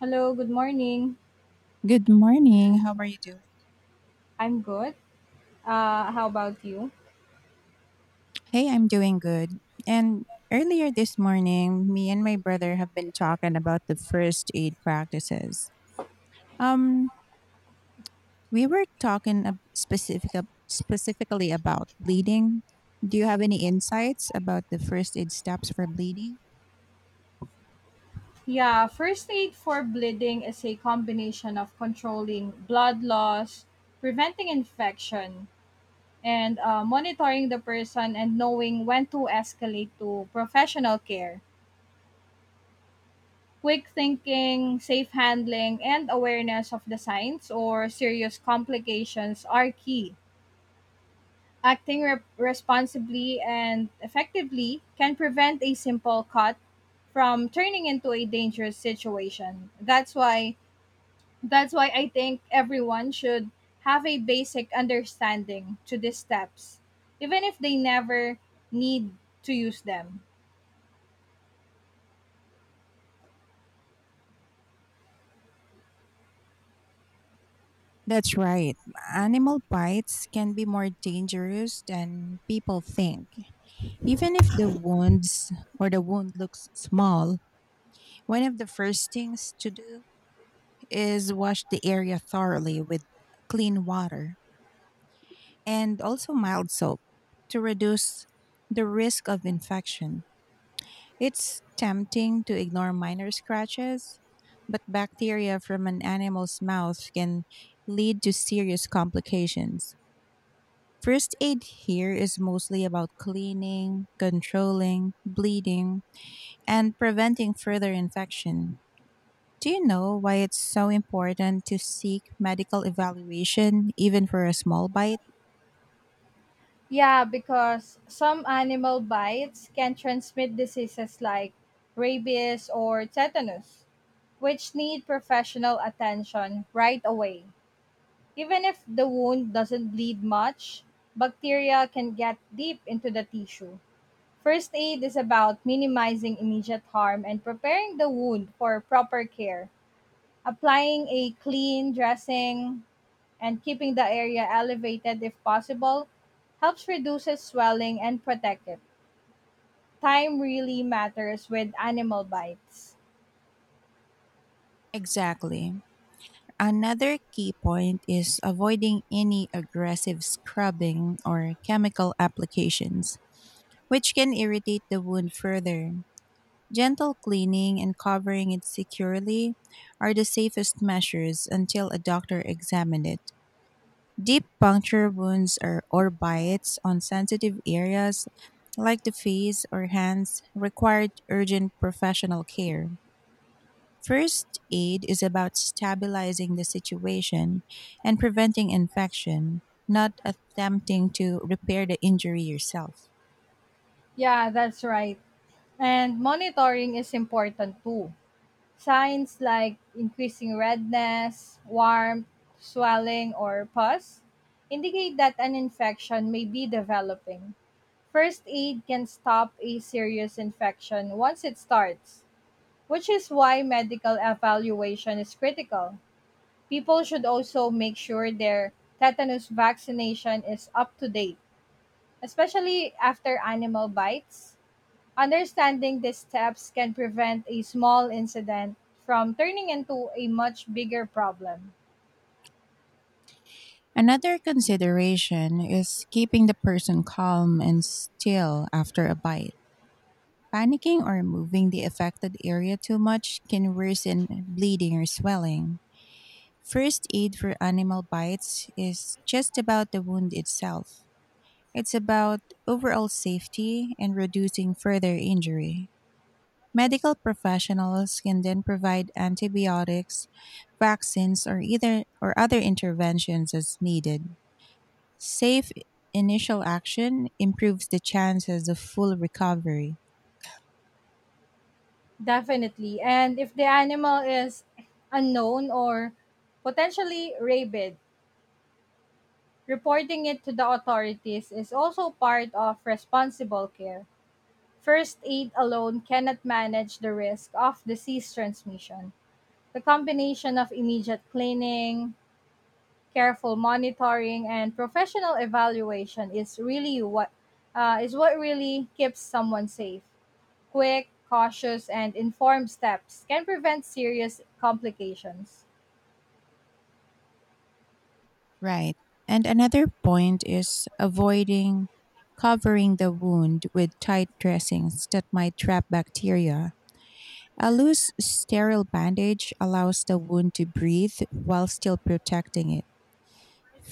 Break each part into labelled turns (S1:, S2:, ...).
S1: Hello, good morning.
S2: Good morning. How are you doing?
S1: I'm good. How about you?
S2: Hey, I'm doing good. And earlier this morning, me and my brother have been talking about the first aid practices. Um, We were talking ab- specific, Specifically about bleeding. Do you have any insights about the first aid steps for bleeding?
S1: Yeah, first aid for bleeding is a combination of controlling blood loss, preventing infection, and monitoring the person and knowing when to escalate to professional care. Quick thinking, safe handling, and awareness of the signs or serious complications are key. Responsibly and effectively can prevent a simple cut from turning into a dangerous situation. That's why I think everyone should have a basic understanding to these steps, even if they never need to use them.
S2: That's right. Animal bites can be more dangerous than people think. Even if the wound looks small, one of the first things to do is wash the area thoroughly with clean water and also mild soap to reduce the risk of infection. It's tempting to ignore minor scratches, but bacteria from an animal's mouth can lead to serious complications. First aid here is mostly about cleaning, controlling, bleeding, and preventing further infection. Do you know why it's so important to seek medical evaluation even for a small bite?
S1: Yeah, because some animal bites can transmit diseases like rabies or tetanus, which need professional attention right away. Even if the wound doesn't bleed much, bacteria can get deep into the tissue. First aid is about minimizing immediate harm and preparing the wound for proper care, applying a clean dressing and keeping the area elevated if possible helps reduce its swelling and protect it. Time really matters with animal bites.
S2: Exactly. Another key point is avoiding any aggressive scrubbing or chemical applications, which can irritate the wound further. Gentle cleaning and covering it securely are the safest measures until a doctor examines it. Deep puncture wounds or bites on sensitive areas like the face or hands require urgent professional care. First aid is about stabilizing the situation and preventing infection, not attempting to repair the injury yourself.
S1: Yeah, that's right. And monitoring is important too. Signs like increasing redness, warmth, swelling, or pus indicate that an infection may be developing. First aid can stop a serious infection once it starts, which is why medical evaluation is critical. People should also make sure their tetanus vaccination is up to date, especially after animal bites. Understanding these steps can prevent a small incident from turning into a much bigger problem.
S2: Another consideration is keeping the person calm and still after a bite. Panicking or moving the affected area too much can worsen bleeding or swelling. First aid for animal bites is just about the wound itself. It's about overall safety and reducing further injury. Medical professionals can then provide antibiotics, vaccines, or other interventions as needed. Safe initial action improves the chances of full recovery.
S1: Definitely. And if the animal is unknown or potentially rabid, reporting it to the authorities is also part of responsible care. First aid alone cannot manage the risk of disease transmission. The combination of immediate cleaning, careful monitoring and professional evaluation is really what is what really keeps someone safe. Quick, cautious, and informed steps can prevent serious complications.
S2: Right. And another point is avoiding covering the wound with tight dressings that might trap bacteria. A loose sterile bandage allows the wound to breathe while still protecting it.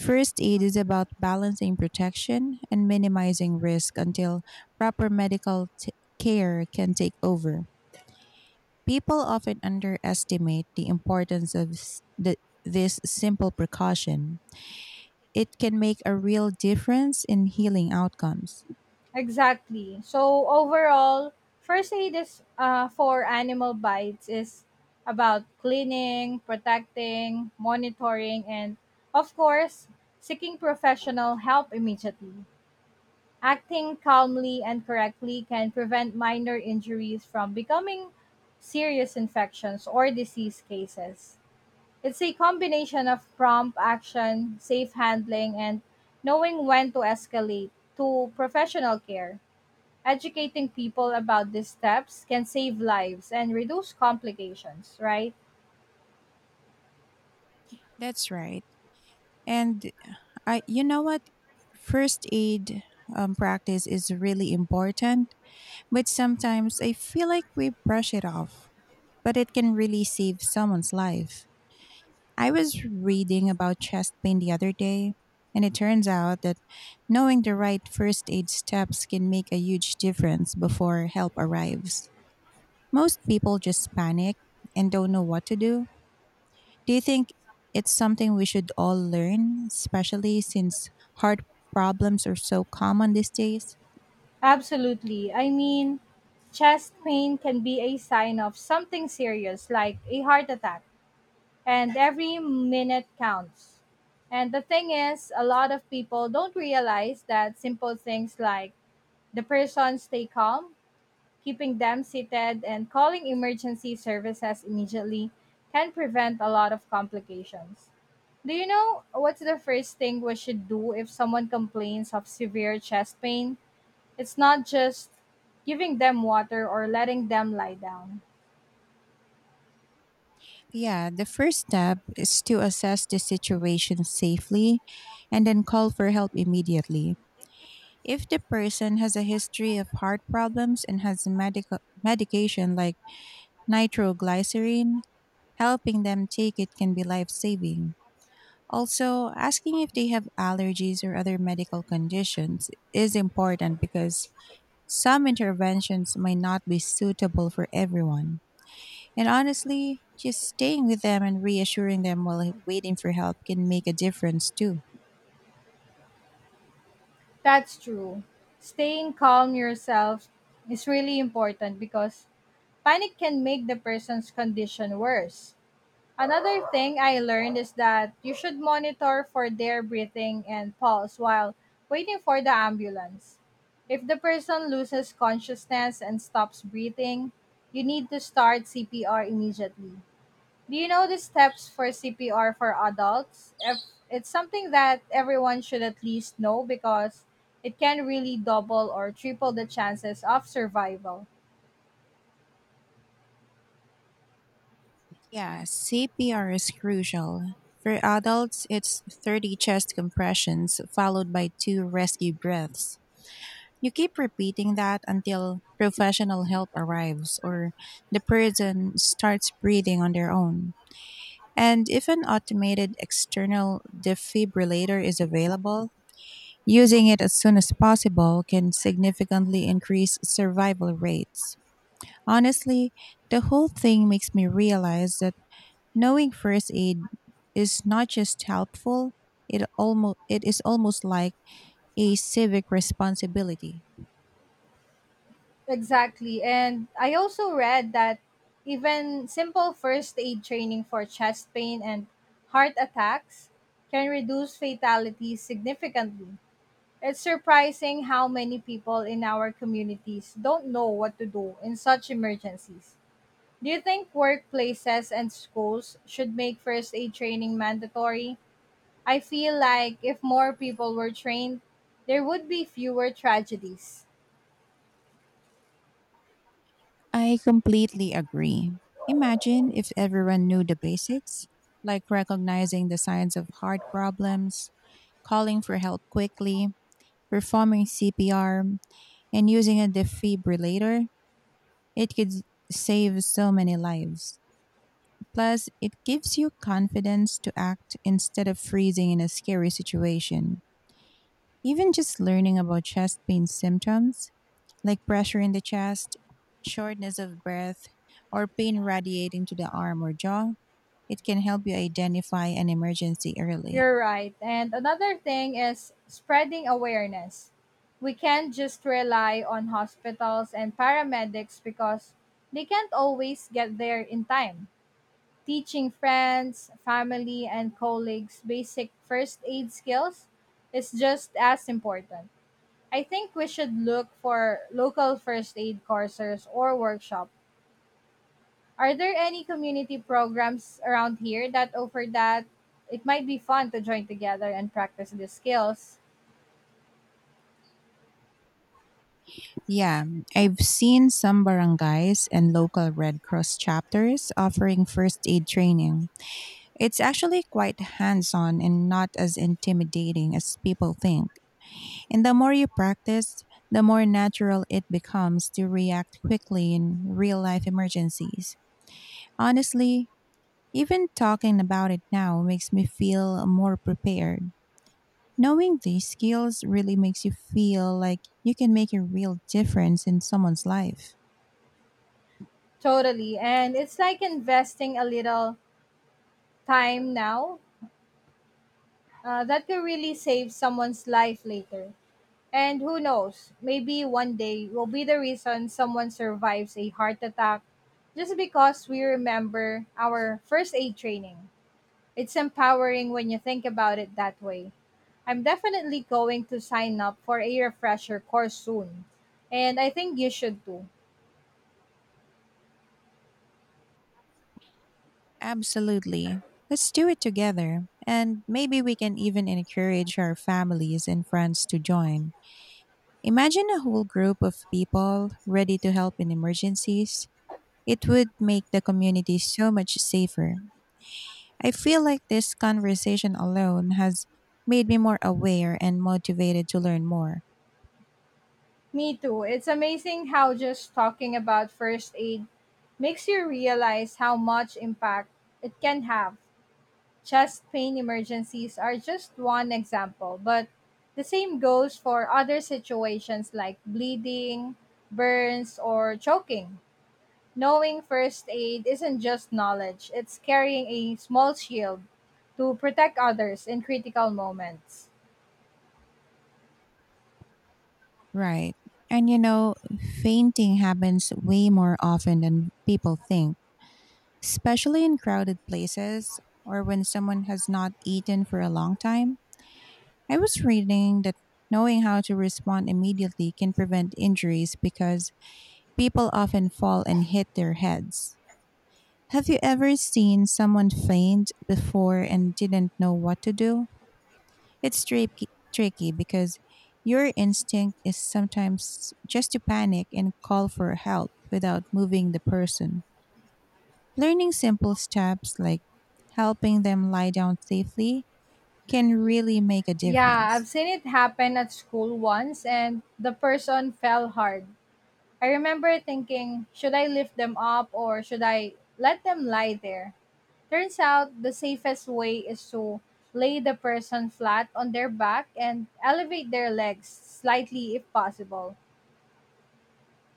S2: First aid is about balancing protection and minimizing risk until proper care can take over. People often underestimate the importance of this simple precaution. It can make a real difference in healing outcomes.
S1: Exactly. So overall, first aid is for animal bites is about cleaning, protecting, monitoring, and of course, seeking professional help immediately. Acting calmly and correctly can prevent minor injuries from becoming serious infections or disease cases. It's a combination of prompt action, safe handling, and knowing when to escalate to professional care. Educating people about these steps can save lives and reduce complications, right?
S2: That's right. And I, you know what? First aid practice is really important, but sometimes I feel like we brush it off, but it can really save someone's life. I was reading about chest pain the other day, and it turns out that knowing the right first aid steps can make a huge difference before help arrives. Most people just panic and don't know what to do. Do you think it's something we should all learn, especially since heart problems are so common these days?
S1: Absolutely. I mean, chest pain can be a sign of something serious like a heart attack and every minute counts. And the thing is, a lot of people don't realize that simple things like the person stay calm, keeping them seated, and calling emergency services immediately can prevent a lot of complications. Do you know what's the first thing we should do if someone complains of severe chest pain? It's not just giving them water or letting them lie down.
S2: Yeah, the first step is to assess the situation safely and then call for help immediately. If the person has a history of heart problems and has medication like nitroglycerin, helping them take it can be life saving. Also, asking if they have allergies or other medical conditions is important because some interventions might not be suitable for everyone. And honestly, just staying with them and reassuring them while waiting for help can make a difference too.
S1: That's true. Staying calm yourself is really important because panic can make the person's condition worse. Another thing I learned is that you should monitor for their breathing and pulse while waiting for the ambulance. If the person loses consciousness and stops breathing, you need to start CPR immediately. Do you know the steps for CPR for adults? If it's something that everyone should at least know because it can really double or triple the chances of survival.
S2: Yeah, CPR is crucial. For adults, it's 30 chest compressions followed by two rescue breaths. You keep repeating that until professional help arrives or the person starts breathing on their own. And if an automated external defibrillator is available, using it as soon as possible can significantly increase survival rates. Honestly, the whole thing makes me realize that knowing first aid is not just helpful, it is almost like a civic responsibility.
S1: Exactly. And I also read that even simple first aid training for chest pain and heart attacks can reduce fatalities significantly. It's surprising how many people in our communities don't know what to do in such emergencies. Do you think workplaces and schools should make first aid training mandatory? I feel like if more people were trained, there would be fewer tragedies.
S2: I completely agree. Imagine if everyone knew the basics, like recognizing the signs of heart problems, calling for help quickly, performing CPR, and using a defibrillator, it could save so many lives. Plus, it gives you confidence to act instead of freezing in a scary situation. Even just learning about chest pain symptoms, like pressure in the chest, shortness of breath, or pain radiating to the arm or jaw, it can help you identify an emergency early.
S1: You're right. And another thing is spreading awareness. We can't just rely on hospitals and paramedics because they can't always get there in time. Teaching friends, family, and colleagues basic first aid skills is just as important. I think we should look for local first aid courses or workshop. Are there any community programs around here that offer that? It might be fun to join together and practice the skills.
S2: Yeah, I've seen some barangays and local Red Cross chapters offering first aid training. It's actually quite hands on and not as intimidating as people think. And the more you practice, the more natural it becomes to react quickly in real life emergencies. Honestly, even talking about it now makes me feel more prepared. Knowing these skills really makes you feel like you can make a real difference in someone's life.
S1: Totally. And it's like investing a little time now that could really save someone's life later. And who knows, maybe one day will be the reason someone survives a heart attack just because we remember our first aid training. It's empowering when you think about it that way. I'm definitely going to sign up for a refresher course soon. And I think you should too.
S2: Absolutely. Let's do it together, and maybe we can even encourage our families and friends to join. Imagine a whole group of people ready to help in emergencies. It would make the community so much safer. I feel like this conversation alone has made me more aware and motivated to learn more.
S1: Me too. It's amazing how just talking about first aid makes you realize how much impact it can have. Chest pain emergencies are just one example, but the same goes for other situations like bleeding, burns, or choking. Knowing first aid isn't just knowledge, it's carrying a small shield to protect others in critical moments.
S2: Right. And you know, fainting happens way more often than people think, especially in crowded places or when someone has not eaten for a long time. I was reading that knowing how to respond immediately can prevent injuries because people often fall and hit their heads. Have you ever seen someone faint before and didn't know what to do? It's tricky because your instinct is sometimes just to panic and call for help without moving the person. Learning simple steps like helping them lie down safely can really make a
S1: Yeah,
S2: difference.
S1: I've seen it happen at school once and the person fell hard. I remember thinking, should I lift them up or should I let them lie there? Turns out the safest way is to lay the person flat on their back and elevate their legs slightly if possible.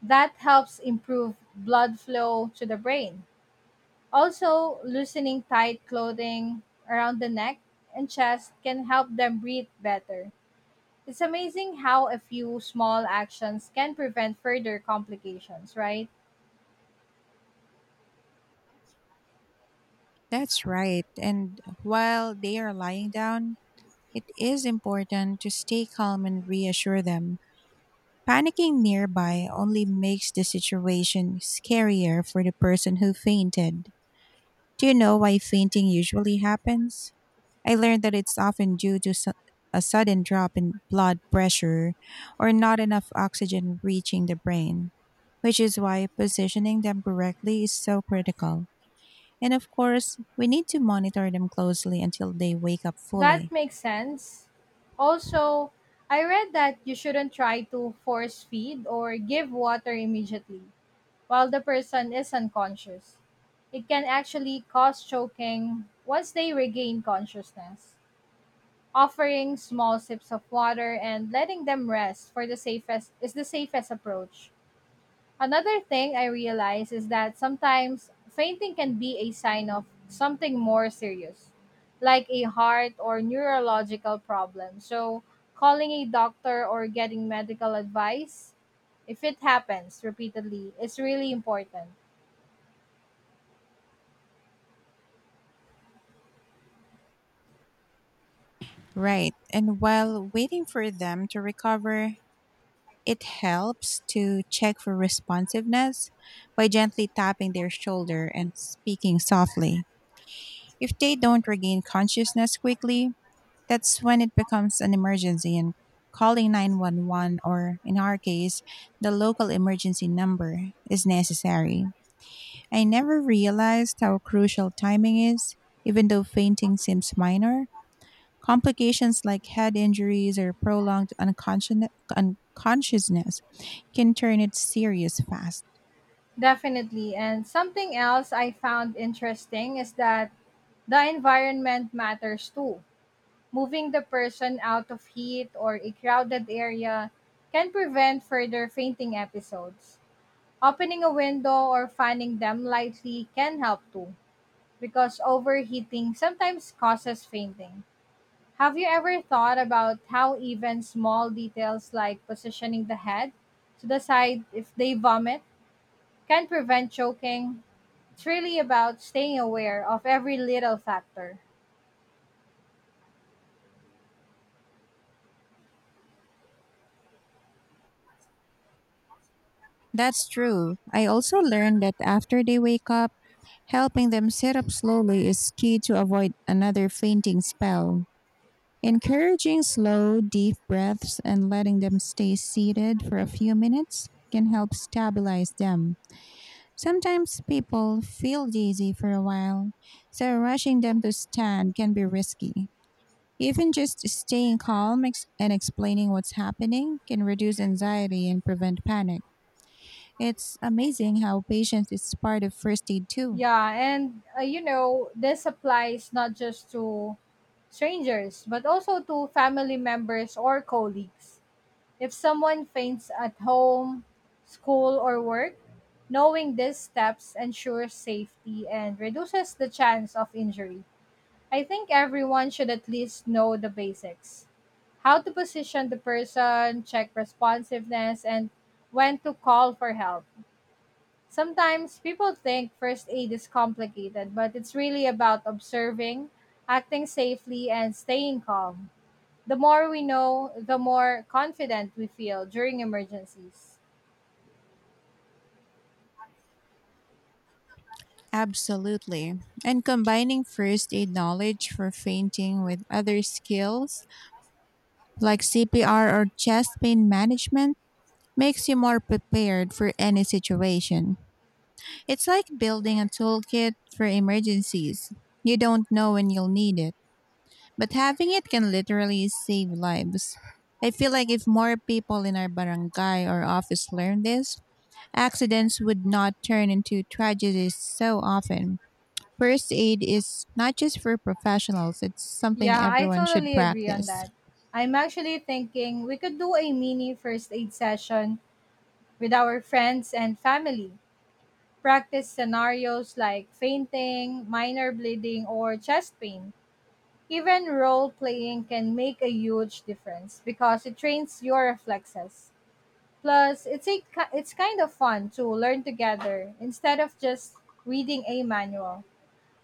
S1: That helps improve blood flow to the brain. Also, loosening tight clothing around the neck and chest can help them breathe better. It's amazing how a few small actions can prevent further complications, right?
S2: That's right. And while they are lying down, it is important to stay calm and reassure them. Panicking nearby only makes the situation scarier for the person who fainted. Do you know why fainting usually happens? I learned that it's often due to a sudden drop in blood pressure or not enough oxygen reaching the brain, which is why positioning them correctly is so critical. And of course, we need to monitor them closely until they wake up fully.
S1: That makes sense. Also, I read that you shouldn't try to force feed or give water immediately while the person is unconscious. It can actually cause choking once they regain consciousness. Offering small sips of water and letting them rest for the safest is the safest approach. Another thing I realize is that sometimes fainting can be a sign of something more serious, like a heart or neurological problem. So, calling a doctor or getting medical advice, if it happens repeatedly, is really important.
S2: Right. And while waiting for them to recover, it helps to check for responsiveness by gently tapping their shoulder and speaking softly. If they don't regain consciousness quickly, that's when it becomes an emergency and calling 911 or, in our case, the local emergency number is necessary. I never realized how crucial timing is, even though fainting seems minor. Complications like head injuries or prolonged unconsciousness can turn it serious fast.
S1: Definitely. And something else I found interesting is that the environment matters too. Moving the person out of heat or a crowded area can prevent further fainting episodes. Opening a window or fanning them lightly can help too, because overheating sometimes causes fainting. Have you ever thought about how even small details like positioning the head to the side if they vomit can prevent choking? It's really about staying aware of every little factor.
S2: That's true. I also learned that after they wake up, helping them sit up slowly is key to avoid another fainting spell. Encouraging slow, deep breaths and letting them stay seated for a few minutes can help stabilize them. Sometimes people feel dizzy for a while, so rushing them to stand can be risky. Even just staying calm and explaining what's happening can reduce anxiety and prevent panic. It's amazing how patience is part of first aid too.
S1: Yeah, and you know, this applies not just to strangers, but also to family members or colleagues. If someone faints at home, school, or work, knowing these steps ensures safety and reduces the chance of injury. I think everyone should at least know the basics: how to position the person, check responsiveness, and when to call for help. Sometimes people think first aid is complicated, but it's really about observing, acting safely, and staying calm. The more we know, the more confident we feel during emergencies.
S2: Absolutely. And combining first aid knowledge for fainting with other skills like CPR or chest pain management makes you more prepared for any situation. It's like building a toolkit for emergencies. You don't know when you'll need it, but having it can literally save lives. I feel like if more people in our barangay or office learned this, accidents would not turn into tragedies so often. First aid is not just for professionals, it's something
S1: Yeah, I
S2: everyone should
S1: totally agree on
S2: practice.
S1: that. I'm actually thinking we could do a mini first aid session with our friends and family. Practice scenarios like fainting, minor bleeding, or chest pain. Even role playing can make a huge difference because it trains your reflexes. Plus, it's kind of fun to learn together instead of just reading a manual.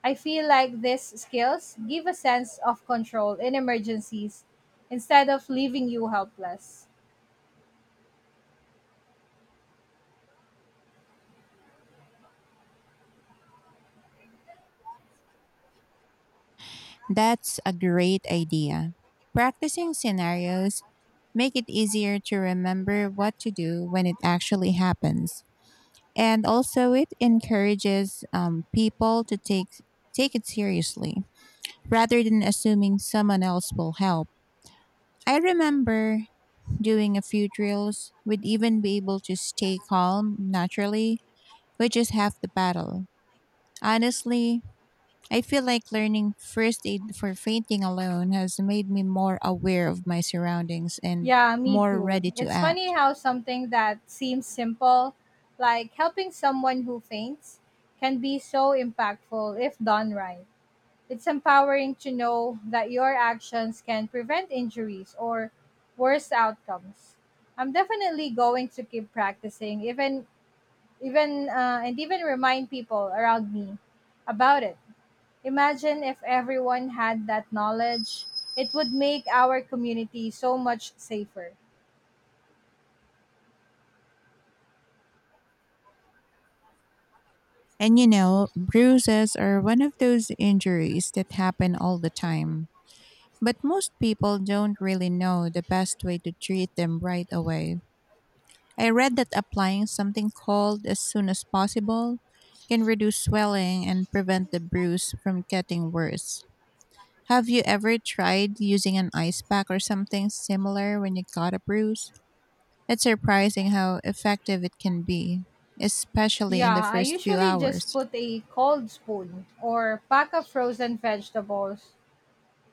S1: I feel like these skills give a sense of control in emergencies instead of leaving you helpless.
S2: That's a great idea. Practicing scenarios make it easier to remember what to do when it actually happens. And also it encourages people to take it seriously rather than assuming someone else will help. I remember doing a few drills would even be able to stay calm naturally, which is half the battle. Honestly, I feel like learning first aid for fainting alone has made me more aware of my surroundings and
S1: Yeah, me
S2: more
S1: too.
S2: ready to
S1: It's
S2: act.
S1: funny how something that seems simple, like helping someone who faints, can be so impactful if done right. It's empowering to know that your actions can prevent injuries or worse outcomes. I'm definitely going to keep practicing, even even and even remind people around me about it. Imagine if everyone had that knowledge, it would make our community so much safer.
S2: And you know, bruises are one of those injuries that happen all the time. But most people don't really know the best way to treat them right away. I read that applying something cold as soon as possible can reduce swelling and prevent the bruise from getting worse. Have you ever tried using an ice pack or something similar when you got a bruise? It's surprising how effective it can be, especially in the
S1: Yeah, I
S2: first few
S1: usually just
S2: hours.
S1: put a cold spoon or pack of frozen vegetables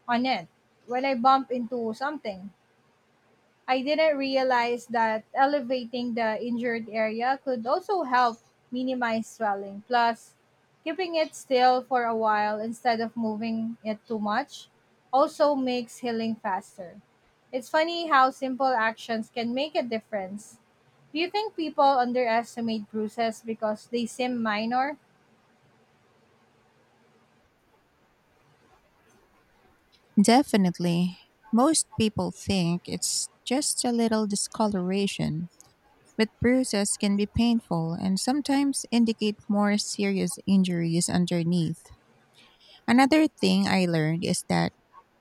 S1: on it when I bump into something. I didn't realize that elevating the injured area could also help minimize swelling. Plus, keeping it still for a while instead of moving it too much also makes healing faster. It's funny how simple actions can make a difference. Do you think people underestimate bruises because they seem minor?
S2: Definitely. Most people think it's just a little discoloration, but bruises can be painful and sometimes indicate more serious injuries underneath. Another thing I learned is that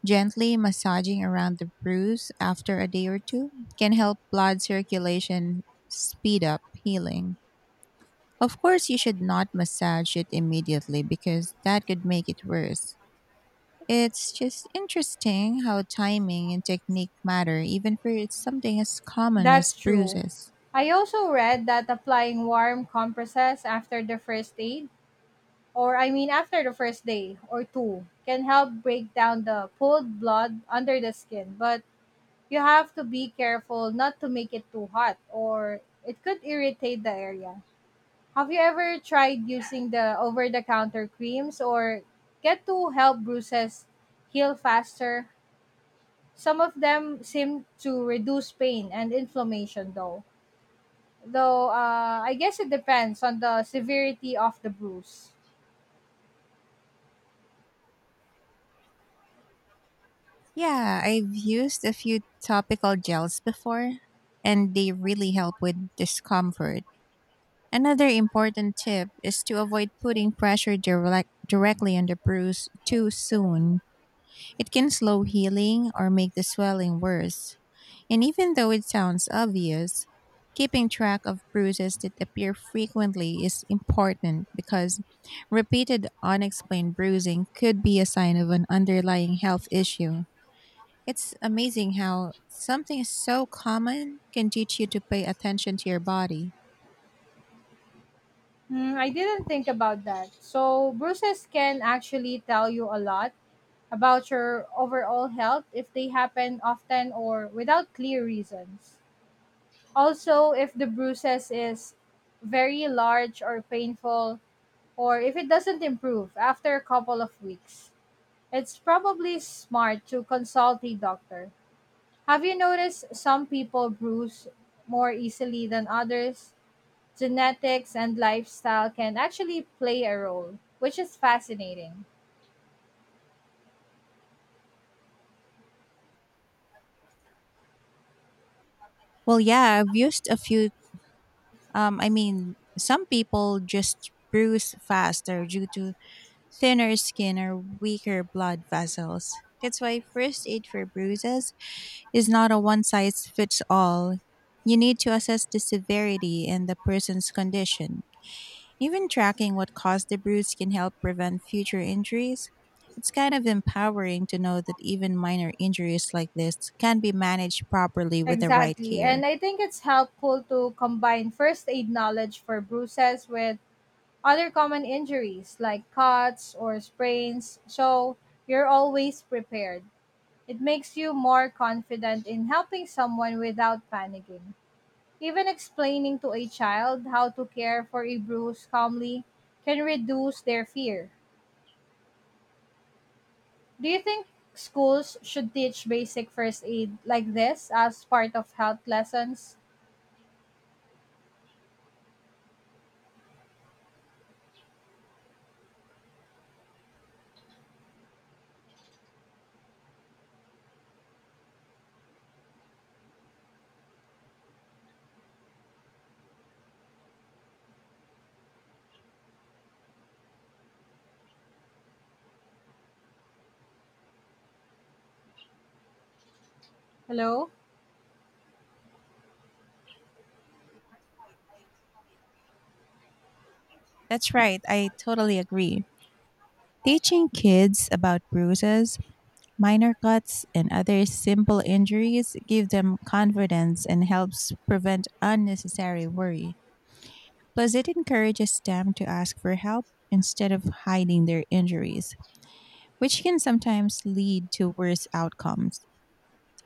S2: gently massaging around the bruise after a day or two can help blood circulation speed up healing. Of course, you should not massage it immediately because that could make it worse. It's just interesting how timing and technique matter, even for something as common as
S1: That's true.
S2: bruises.
S1: I also read that applying warm compresses after the first aid or I mean after the first day or two, can help break down the pooled blood under the skin. But you have to be careful not to make it too hot or it could irritate the area. Have you ever tried using the over the counter creams or get to help bruises heal faster? Some of them seem to reduce pain and inflammation though. Though I guess it depends on the severity of the bruise.
S2: Yeah, I've used a few topical gels before, and they really help with discomfort. Another important tip is to avoid putting pressure directly on the bruise too soon. It can slow healing or make the swelling worse. And even though it sounds obvious, keeping track of bruises that appear frequently is important because repeated unexplained bruising could be a sign of an underlying health issue. It's amazing how something so common can teach you to pay attention to your body.
S1: Hmm, I didn't think about that. So, bruises can actually tell you a lot about your overall health if they happen often or without clear reasons. Also, if the bruises is very large or painful or if it doesn't improve after a couple of weeks, it's probably smart to consult a doctor. Have you noticed some people bruise more easily than others? Genetics and lifestyle can actually play a role, which is fascinating.
S2: Well, yeah, I've used a few some people just bruise faster due to thinner skin or weaker blood vessels. That's why first aid for bruises is not a one size fits all. You need to assess the severity and the person's condition. Even tracking what caused the bruise can help prevent future injuries. It's kind of empowering to know that even minor injuries like this can be managed properly with the right
S1: Exactly. And
S2: care.
S1: I think it's helpful to combine first aid knowledge for bruises with other common injuries like cuts or sprains, so you're always prepared. It makes you more confident in helping someone without panicking. Even explaining to a child how to care for a bruise calmly can reduce their fear. Do you think schools should teach basic first aid like this as part of health lessons? Hello?
S2: That's right, I totally agree. Teaching kids about bruises, minor cuts, and other simple injuries give them confidence and helps prevent unnecessary worry. Plus, it encourages them to ask for help instead of hiding their injuries, which can sometimes lead to worse outcomes.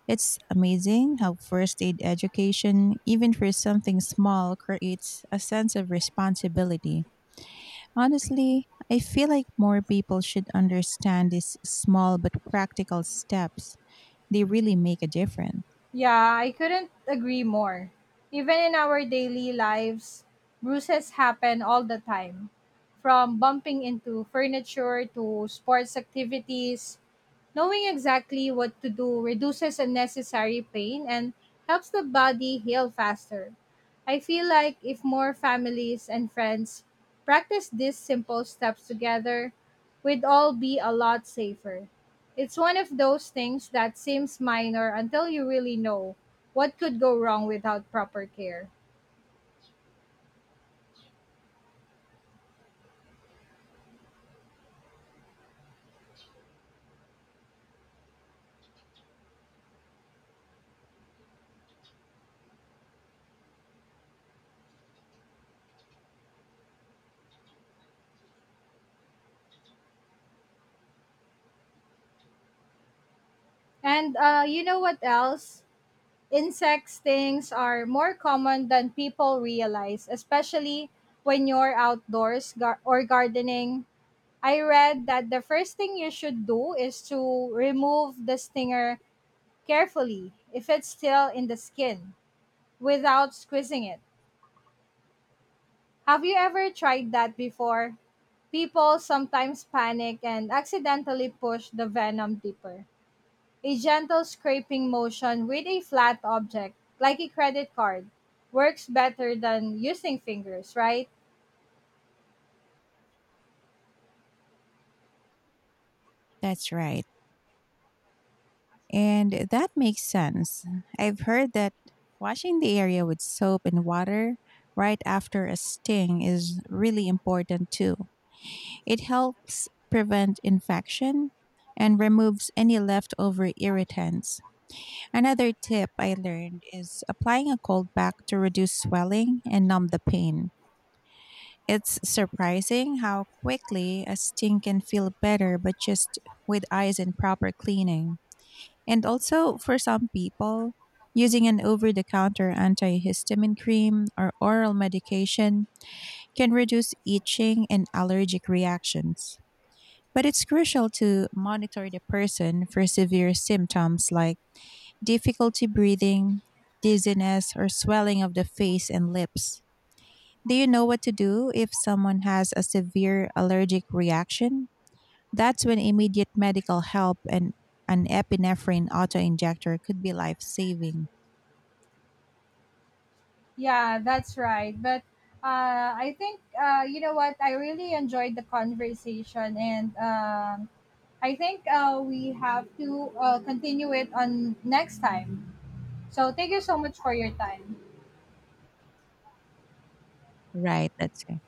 S2: It's amazing how first aid education, even for something small, creates a sense of responsibility. Honestly, I feel like more people should understand these small but practical steps. They really make a difference.
S1: Yeah, I couldn't agree more. Even in our daily lives, bruises happen all the time. From bumping into furniture to sports activities, knowing exactly what to do reduces unnecessary pain and helps the body heal faster. I feel like if more families and friends practice these simple steps together, we'd all be a lot safer. It's one of those things that seems minor until you really know what could go wrong without proper care. And you know what else? Insect stings are more common than people realize, especially when you're outdoors or gardening. I read that the first thing you should do is to remove the stinger carefully if it's still in the skin without squeezing it. Have you ever tried that before? People sometimes panic and accidentally push the venom deeper. A gentle scraping motion with a flat object, like a credit card, works better than using fingers, right?
S2: That's right. And that makes sense. I've heard that washing the area with soap and water right after a sting is really important too. It helps prevent infection and removes any leftover irritants. Another tip I learned is applying a cold pack to reduce swelling and numb the pain. It's surprising how quickly a sting can feel better, but just with ice and proper cleaning. And also, for some people, using an over the counter antihistamine cream or oral medication can reduce itching and allergic reactions. But it's crucial to monitor the person for severe symptoms like difficulty breathing, dizziness, or swelling of the face and lips. Do you know what to do if someone has a severe allergic reaction? That's when immediate medical help and an epinephrine auto injector could be life saving.
S1: Yeah, that's right. But I think you know what? I really enjoyed the conversation, and I think we have to continue it on next time. So thank you so much for your time.
S2: Right. That's right.